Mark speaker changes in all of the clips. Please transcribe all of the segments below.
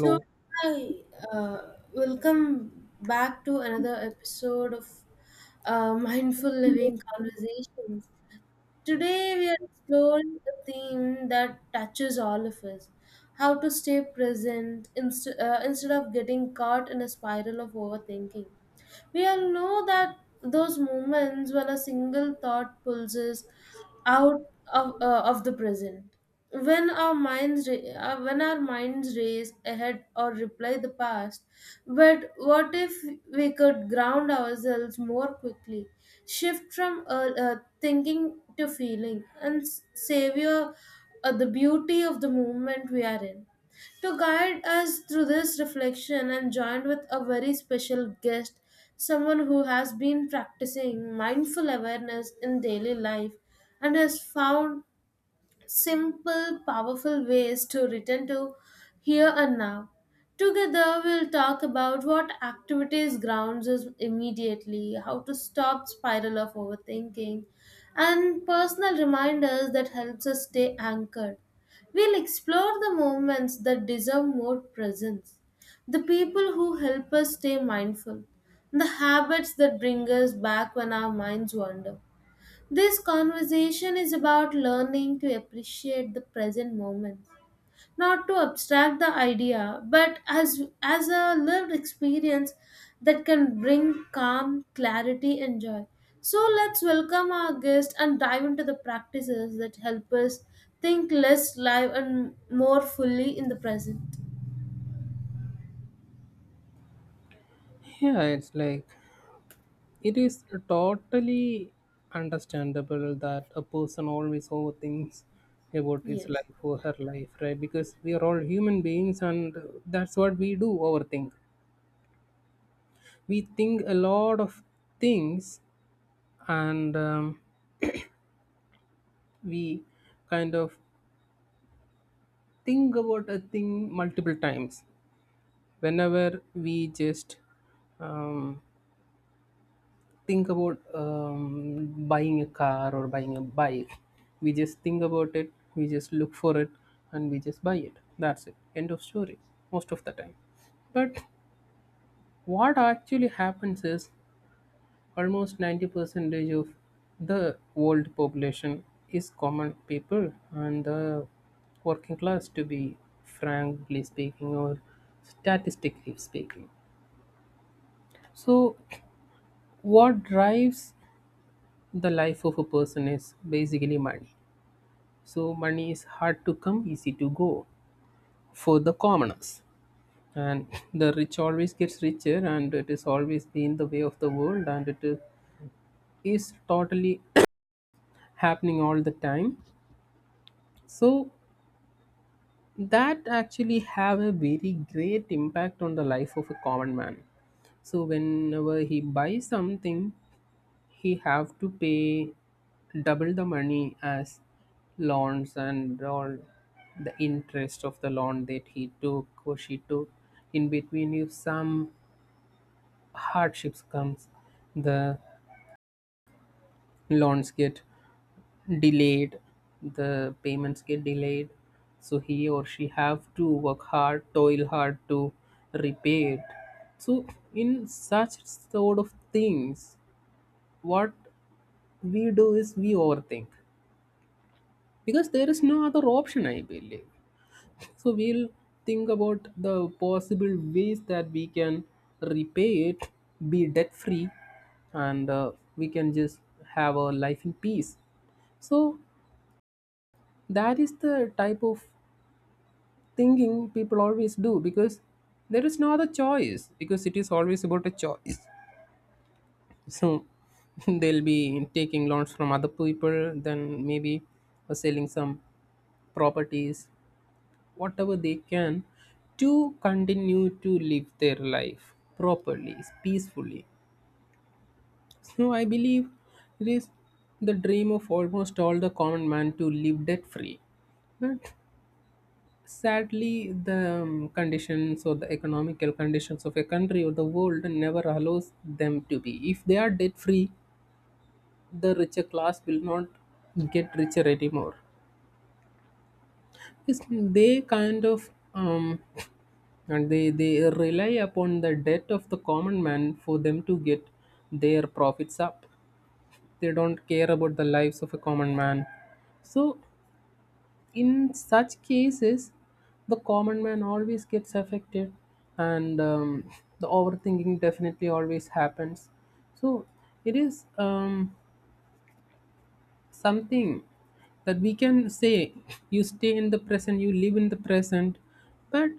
Speaker 1: So, hi, welcome back to another episode of Mindful Living Conversations. Today, we are exploring a theme that touches all of us: how to stay present instead of getting caught in a spiral of overthinking. We all know that, those moments when a single thought pulls us out of the present. When when our minds race ahead or replay the past, but what if we could ground ourselves more quickly, shift from thinking to feeling, and savor the beauty of the moment we are in? To guide us through this reflection, I'm joined with a very special guest, someone who has been practicing mindful awareness in daily life and has found simple, powerful ways to return to here and now. Together, we'll talk about what activities grounds us immediately, how to stop spiral of overthinking, and personal reminders that helps us stay anchored. We'll explore the moments that deserve more presence, the people who help us stay mindful, the habits that bring us back when our minds wander. This conversation is about learning to appreciate the present moment, not to abstract the idea, but as a lived experience that can bring calm, clarity, and joy. So let's welcome our guest and dive into the practices that help us think less live and more fully in the present.
Speaker 2: Yeah, it's like it is totally understandable that a person always overthinks about his
Speaker 1: Yes.
Speaker 2: life or her life, right? Because we are all human beings and that's what we do overthink. We think a lot of things and we kind of think about a thing multiple times. Whenever we just um, think about buying a car or buying a bike. We just think about it, we just look for it, and we just buy it. That's it. End of story, most of the time. But what actually happens is almost 90 percentage of the world population is common people and the working class, to be frankly speaking or statistically speaking. So what drives the life of a person is basically money. So money is hard to come, easy to go for the commoners. And the rich always gets richer, and it is always been the way of the world, and it is totally happening all the time. So that actually have a very great impact on the life of a common man. So whenever he buys something, he have to pay double the money as loans and all the interest of the loan that he took or she took. In between, if some hardships comes, the loans get delayed, the payments get delayed, so he or she have to work hard, toil hard to repay it. So in such sort of things, what we do is we overthink, because there is no other option, I believe. So we'll think about the possible ways that we can repay it, be debt free, and we can just have a life in peace. So that is the type of thinking people always do, because there is no other choice, because it is always about a choice. So they'll be taking loans from other people, then maybe selling some properties, whatever they can, to continue to live their life properly, peacefully. So I believe it is the dream of almost all the common man to live debt free. But sadly, the conditions or the economical conditions of a country or the world never allows them to be. If they are debt free, the richer class will not get richer anymore. It's— They kind of and they rely upon the death of the common man for them to get their profits up. They don't care about the lives of a common man. So in such cases, the common man always gets affected, and the overthinking definitely always happens. So it is something that we can say: you stay in the present, you live in the present. But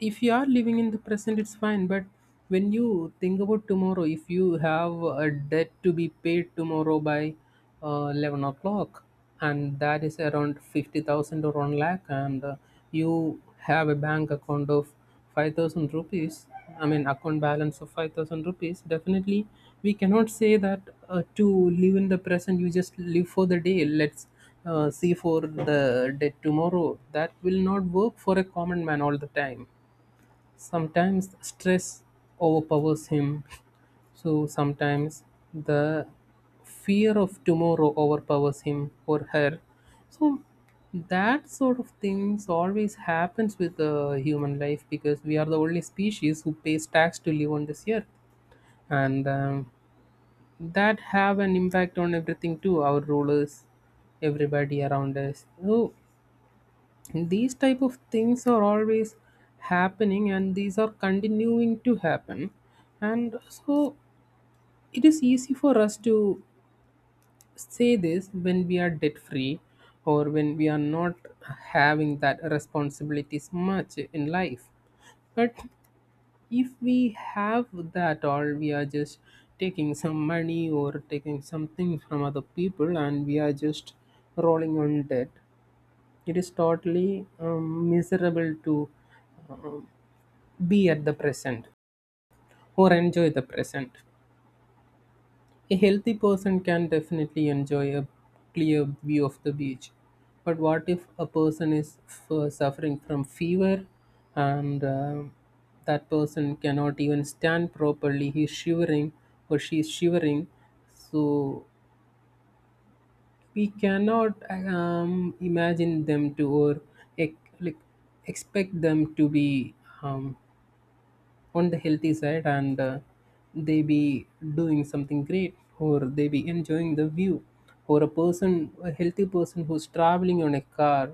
Speaker 2: if you are living in the present, it's fine. But when you think about tomorrow, if you have a debt to be paid tomorrow by 11 o'clock, and that is around 50,000 or 1 lakh, and you have a bank account of 5,000 rupees, I mean account balance of 5,000 rupees, definitely we cannot say that to live in the present, you just live for the day. Let's see for the day tomorrow. That will not work for a common man all the time. Sometimes stress overpowers him. So sometimes the fear of tomorrow overpowers him or her. So that sort of things always happens with the human life, because we are the only species who pays tax to live on this earth. And that have an impact on everything too, our rulers, everybody around us. So these type of things are always happening, and these are continuing to happen. And so it is easy for us to say this when we are debt free, or when we are not having that responsibilities much in life. But if we have that, all we are just taking some money or taking something from other people and we are just rolling on debt. It is totally miserable to be at the present or enjoy the present. A healthy person can definitely enjoy a clear view of the beach. But what if a person is suffering from fever, and that person cannot even stand properly? He's shivering or she's shivering. So we cannot imagine them to, or like expect them to be um, on the healthy side, and they be doing something great or they be enjoying the view. Or a person, a healthy person who's traveling on a car,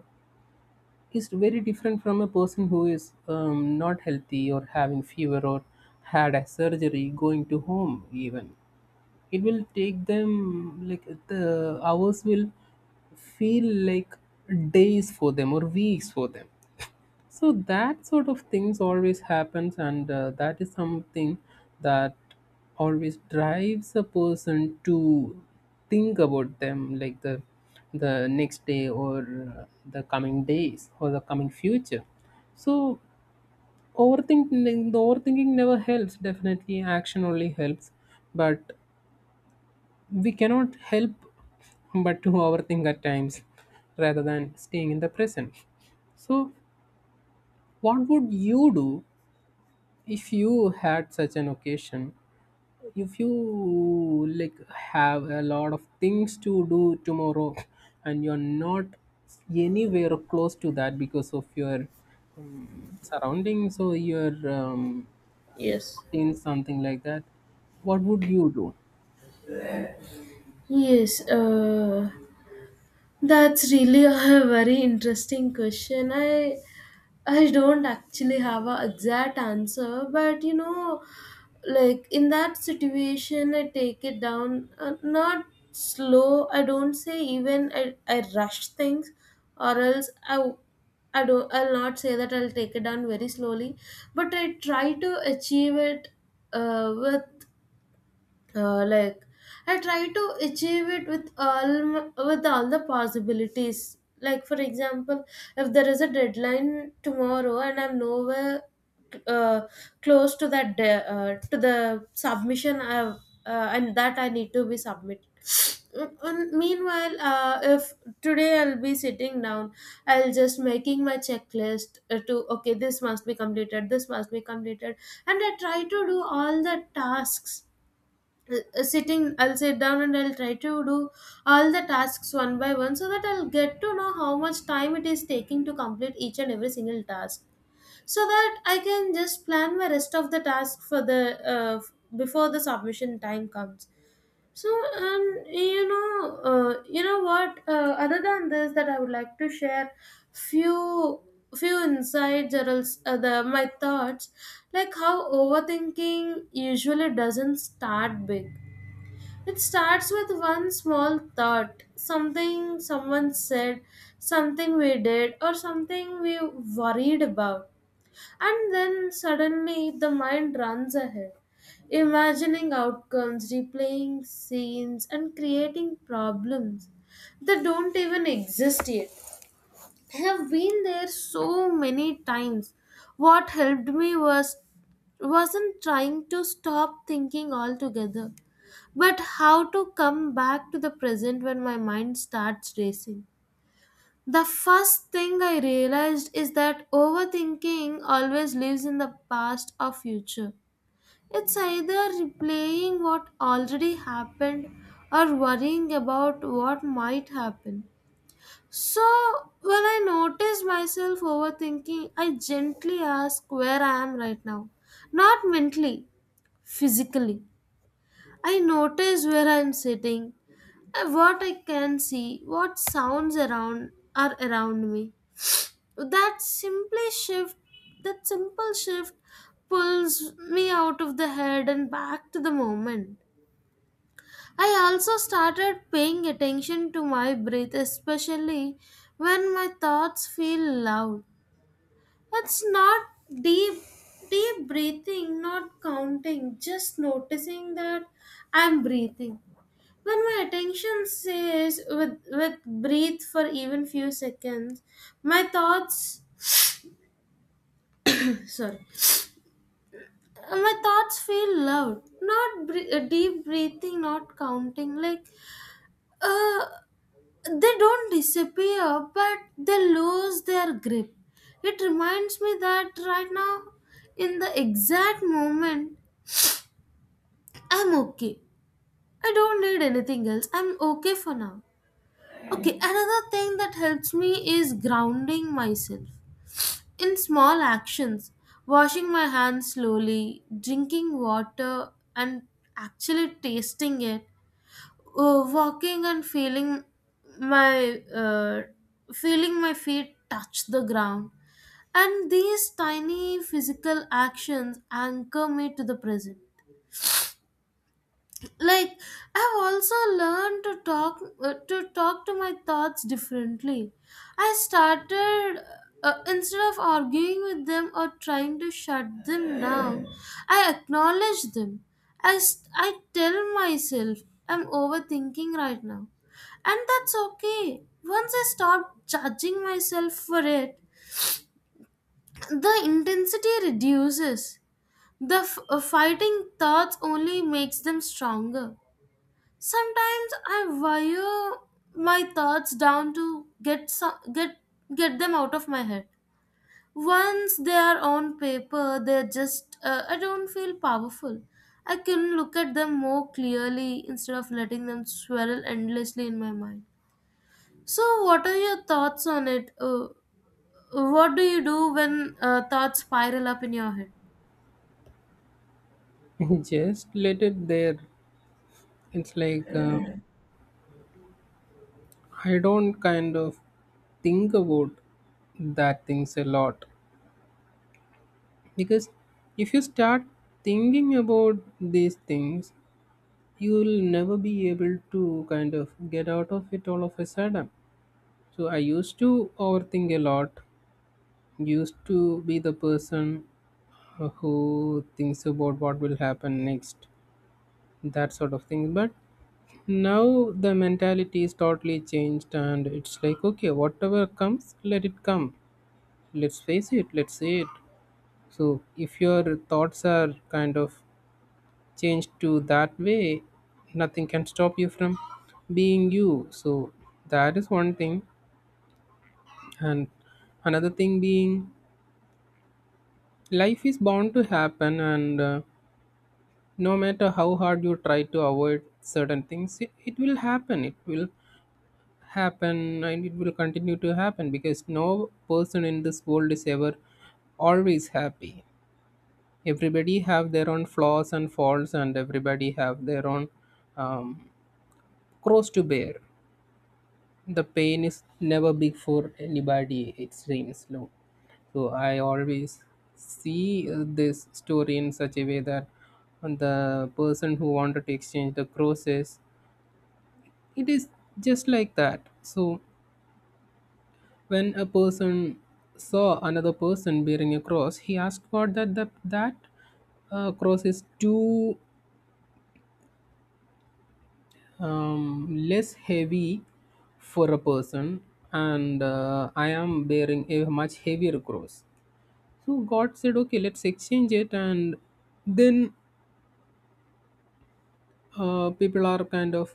Speaker 2: is very different from a person who is not healthy or having fever or had a surgery going to home. Even it will take them like the hours will feel like days for them or weeks for them. So that sort of things always happens. And that is something that always drives a person to think about them, like the next day or the coming days or the coming future. So overthinking, the overthinking never helps. Definitely action only helps. But we cannot help but to overthink at times rather than staying in the present. So what would you do if you had such an occasion, if you like have a lot of things to do tomorrow and you're not anywhere close to that because of your surroundings or your
Speaker 1: Yes.
Speaker 2: routine, something like that? What would you do?
Speaker 1: Yes, that's really a very interesting question. I don't actually have a exact answer, but you know, like in that situation, I take it down, not slow. I don't say even I rush things, or else I do not I w- I don't I'll not say that I'll take it down very slowly, but I try to achieve it with uh, like I try to achieve it with with all the possibilities, like for example, if there is a deadline tomorrow and I'm nowhere uh, close to the submission, I have and that I need to be submitted. Mm, and meanwhile, if today I'll be sitting down, I'll just making my checklist to, okay, this must be completed, this must be completed, and I try to do all the tasks, sitting I'll sit down and I'll try to do all the tasks one by one, so that I'll get to know how much time it is taking to complete each and every single task, so that I can just plan my rest of the task for the before the submission time comes. So, and you know, you know what, other than this, that I would like to share few few insights, or else the my thoughts, like how overthinking usually doesn't start big. It starts with one small thought, something someone said, something we did, or something we worried about. And then suddenly the mind runs ahead, imagining outcomes, replaying scenes, and creating problems that don't even exist yet. I have been there so many times. What helped me was wasn't trying to stop thinking altogether. But how to come back to the present when my mind starts racing? The first thing I realized is that overthinking always lives in the past or future. It's either replaying what already happened or worrying about what might happen. So, when I notice myself overthinking, I gently ask where I am right now. Not mentally, physically. I notice where I am sitting, what I can see, what sounds around are around me. That simply shift, that simple shift pulls me out of the head and back to the moment. I also started paying attention to my breath, especially when my thoughts feel loud. It's not deep deep breathing, not counting, just noticing that I'm breathing. When my attention says with breathe for even few seconds, my thoughts, sorry, my thoughts feel loud. Not deep breathing, not counting. Like, uh, they don't disappear, but they lose their grip. It reminds me that right now, in the exact moment, I'm okay. I don't need anything else. I'm okay for now. Okay, another thing that helps me is grounding myself. In small actions, washing my hands slowly, drinking water and actually tasting it, walking and feeling my uh, my feet touch the ground. And these tiny physical actions anchor me to the present. Like, I've also learned to talk to my thoughts differently. I started, instead of arguing with them or trying to shut them down, I acknowledge them. I tell myself I'm overthinking right now, and that's okay. Once I stop judging myself for it, the intensity reduces. Fighting thoughts only makes them stronger. Sometimes I wire my thoughts down to get get them out of my head. Once they are on paper, they're just, I don't feel powerful. I can look at them more clearly instead of letting them swirl endlessly in my mind. So, what are your thoughts on it? What do you do when thoughts spiral up in your head?
Speaker 2: Just let it there. It's like I don't kind of think about that things a lot, because if you start thinking about these things, you'll never be able to kind of get out of it all of a sudden. So I used to overthink a lot, used to be the person who thinks about what will happen next, that sort of thing. But now the mentality is totally changed, and it's like okay, whatever comes, let it come. Let's face it, let's say it. So if your thoughts are kind of change to that way, nothing can stop you from being you. So that is one thing. And another thing being, life is bound to happen, and no matter how hard you try to avoid certain things, it will happen. It will happen and it will continue to happen, because no person in this world is ever always happy. Everybody have their own flaws and faults, and everybody have their own um, cross to bear. The pain is never big for anybody, it seems low. So I always see this story in such a way, that the person who wanted to exchange the crosses, it is just like that. So when a person saw another person bearing a cross, he asked God that cross is too less heavy for a person, and I am bearing a much heavier cross. So God said, okay, let's exchange it. And then people are kind of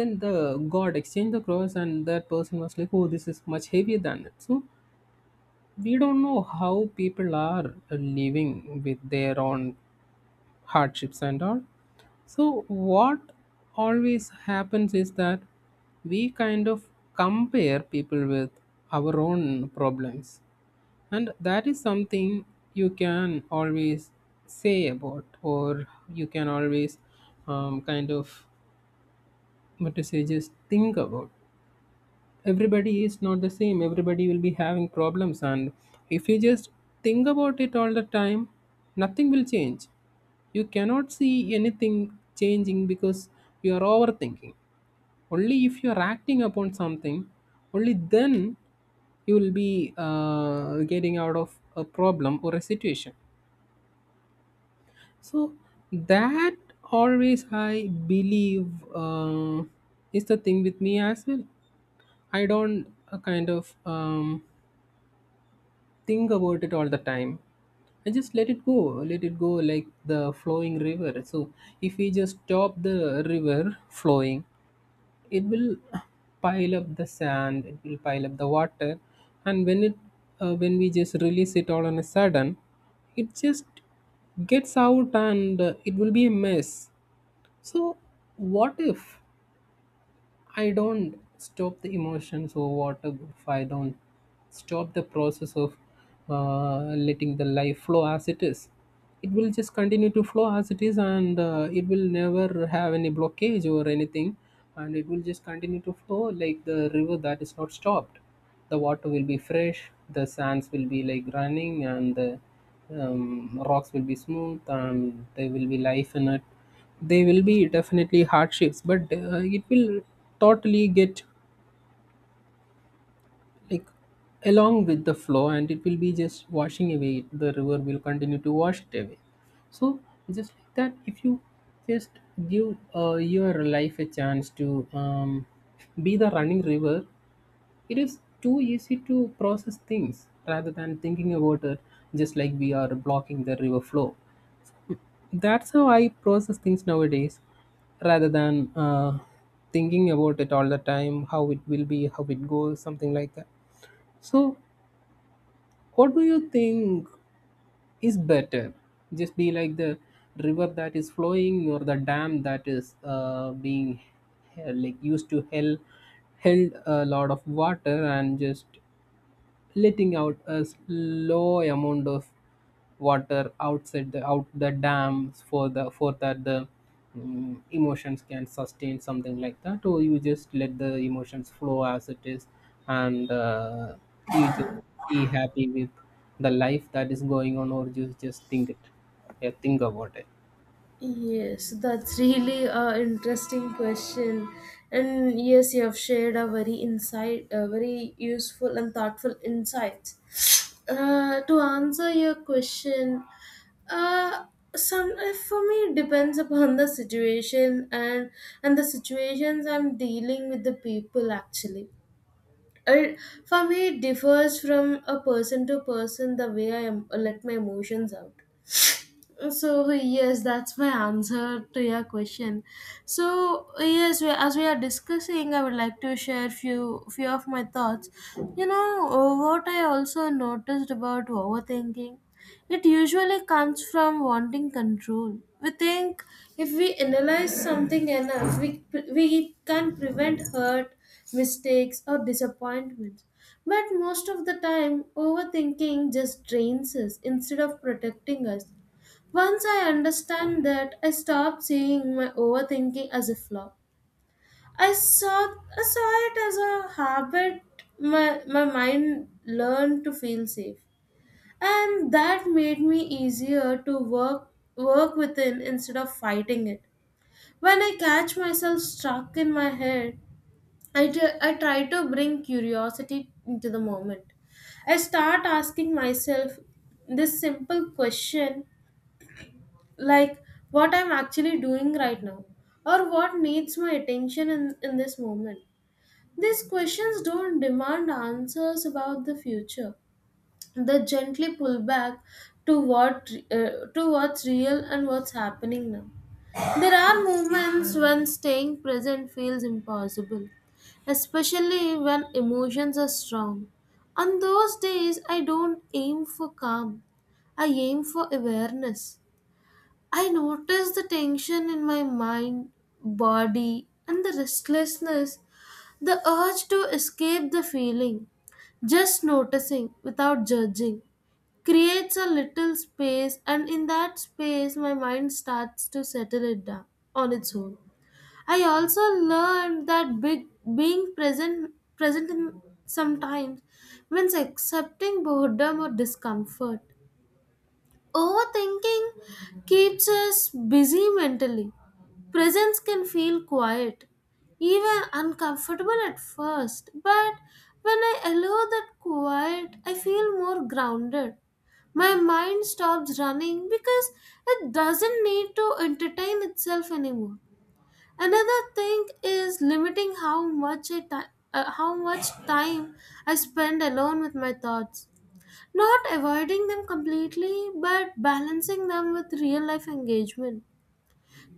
Speaker 2: then the God exchanged the cross, and that person was like, oh, this is much heavier than it. So we don't know how people are living with their own hardships and all. So what always happens is that we kind of compare people with our own problems. And that is something you can always say about, or you can always kind of, what to say, just think about. Everybody is not the same. Everybody will be having problems. And if you just think about it all the time, nothing will change. You cannot see anything changing, because you are overthinking. Only if you're acting upon something, only then you will be getting out of a problem or a situation. So that always I believe uh, is the thing with me as well. I don't kind of think about it all the time. I just let it go like the flowing river. So if we just stop the river flowing, it will pile up the sand, it will pile up the water. And when it when we just release it all on a sudden, it just gets out, and it will be a mess. So what if I don't stop the emotions, or what if I don't stop the process of letting the life flow as it is? It will just continue to flow as it is, and it will never have any blockage or anything, and it will just continue to flow like the river that is not stopped. The water will be fresh, the sands will be like running, and the rocks will be smooth, and there will be life in it. They will be definitely hardships, but it will totally get like along with the flow, and it will be just washing away. The river will continue to wash it away. So just like that, if you just give your life a chance to be the running river, it is too easy to process things rather than thinking about it. Just like we are blocking the river flow. That's how I process things nowadays, rather than thinking about it all the time, how it will be, how it goes, something like that. So what do you think is better? Just be like the river that is flowing, or the dam that is being like used to held a lot of water and just letting out a low amount of water outside the out the dams, for the for that the mm, emotions can sustain, something like that? Or you just let the emotions flow as it is, and you just be happy with the life that is going on? Or you just think it, yeah, think about it.
Speaker 1: Yes, that's really a interesting question. And yes, you have shared a very insight, a very useful and thoughtful insights. To answer your question, uh, some for me it depends upon the situation and the situations I'm dealing with the people actually. It, for me, it differs from a person to person the way I am, let my emotions out. So yes, that's my answer to your question. So yes, we, as we are discussing, I would like to share few of my thoughts. You know, what I also noticed about overthinking, it usually comes from wanting control. We think if we analyze something enough, we can prevent hurt, mistakes, or disappointments. But most of the time overthinking just drains us instead of protecting us. Once I understand that, I stopped seeing my overthinking as a flaw. I saw it as a habit. My mind learned to feel safe. And that made me easier to work within instead of fighting it. When I catch myself stuck in my head, I try to bring curiosity into the moment. I start asking myself this simple question, like, what I'm actually doing right now, or what needs my attention in this moment. These questions don't demand answers about the future. They gently pull back to what's real and what's happening now. There are moments when staying present feels impossible, especially when emotions are strong. On those days, I don't aim for calm. I aim for awareness. I noticed the tension in my mind, body, and the restlessness, the urge to escape the feeling. Just noticing without judging creates a little space, and in that space, my mind starts to settle it down on its own. I also learned that big, being present in sometimes means accepting boredom or discomfort. Overthinking keeps us busy mentally. Presence can feel quiet, even uncomfortable at first, but when I allow that quiet, I feel more grounded. My mind stops running because it doesn't need to entertain itself anymore. Another thing is limiting how much how much time I spend alone with my thoughts. Not avoiding them completely, but balancing them with real life engagement.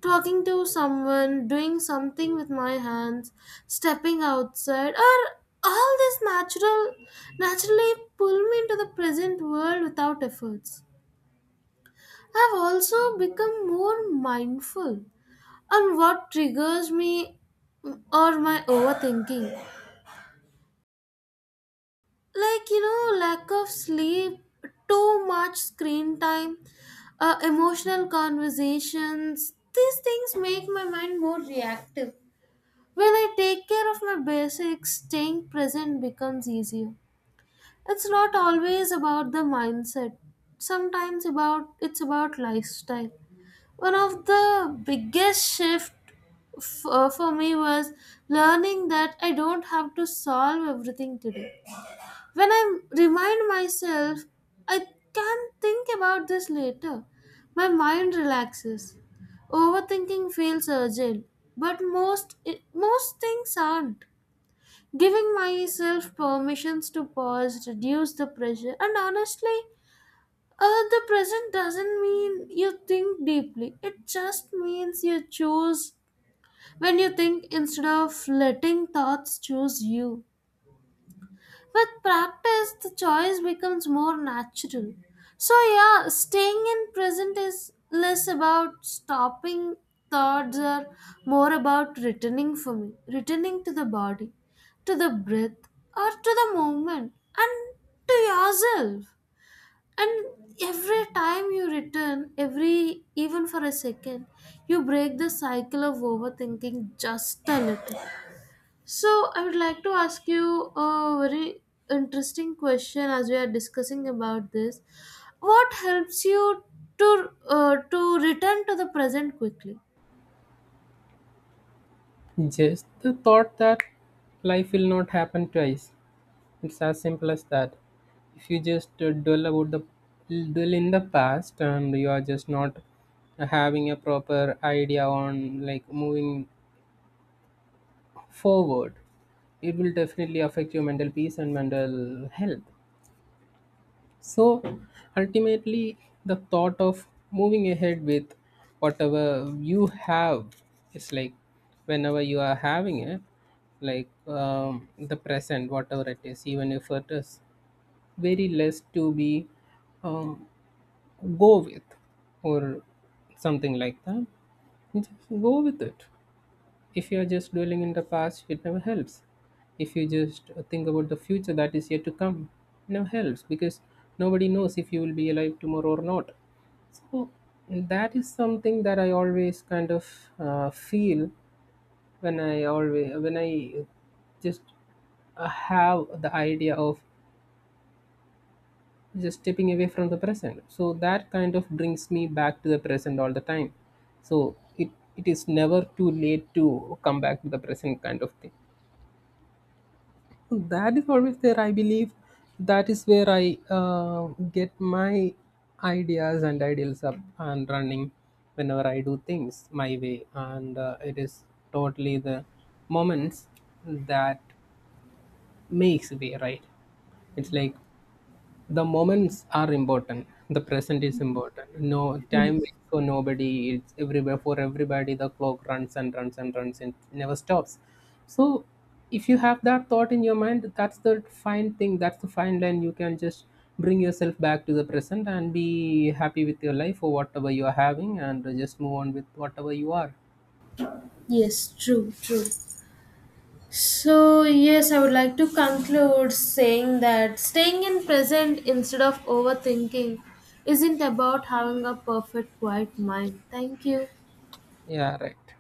Speaker 1: Talking to someone, doing something with my hands, stepping outside, or all this naturally pull me into the present world without efforts. I've also become more mindful on what triggers me or my overthinking, like you know, lack of sleep, too much screen time, emotional conversations. These things make my mind more reactive. When I take care of my basics, staying present becomes easier. It's not always about the mindset, sometimes about it's about lifestyle. One of the biggest shift for me was learning that I don't have to solve everything today. When I remind myself, I can think about this later, my mind relaxes. Overthinking feels urgent, but most things aren't. Giving myself permissions to pause, reduce the pressure, and honestly, the present doesn't mean you think deeply. It just means you choose when you think instead of letting thoughts choose you. With practice, the choice becomes more natural. So, yeah, staying in present is less about stopping thoughts or more about returning, for me, returning to the body, to the breath, or to the moment, and to yourself. And every time you return, every even for a second, you break the cycle of overthinking just a little. So, I would like to ask you a very interesting question as we are discussing about this. What helps you to return to the present quickly?
Speaker 2: Just the thought that life will not happen twice. It's as simple as that. If you just dwell about the dwell in the past, and you are just not having a proper idea on like moving forward, it will definitely affect your mental peace and mental health. So ultimately, the thought of moving ahead with whatever you have is like, whenever you are having it, like the present, whatever it is, even if it is very less to be um, go with or something like that, just go with it. If you are just dwelling in the past, it never helps. If you just think about the future that is yet to come, it never helps, because nobody knows if you will be alive tomorrow or not. So that is something that I always kind of feel when I always when I just have the idea of just stepping away from the present. So that kind of brings me back to the present all the time. So it is never too late to come back to the present, kind of thing. So that is always there, I believe. That is where I uh, get my ideas and ideals up and running whenever I do things my way. And it is totally the moments that makes way, right? It's like the moments are important, the present is important, no time
Speaker 1: Yes.
Speaker 2: waits for nobody, it's everywhere for everybody, the clock runs and runs and runs and never stops. So if you have that thought in your mind, that's the fine thing, that's the fine line. You can just bring yourself back to the present and be happy with your life or whatever you are having, and just move on with whatever you are.
Speaker 1: Yes, true, true. So, yes, I would like to conclude saying that staying in present instead of overthinking isn't about having a perfect quiet mind. Thank you.
Speaker 2: Yeah, right.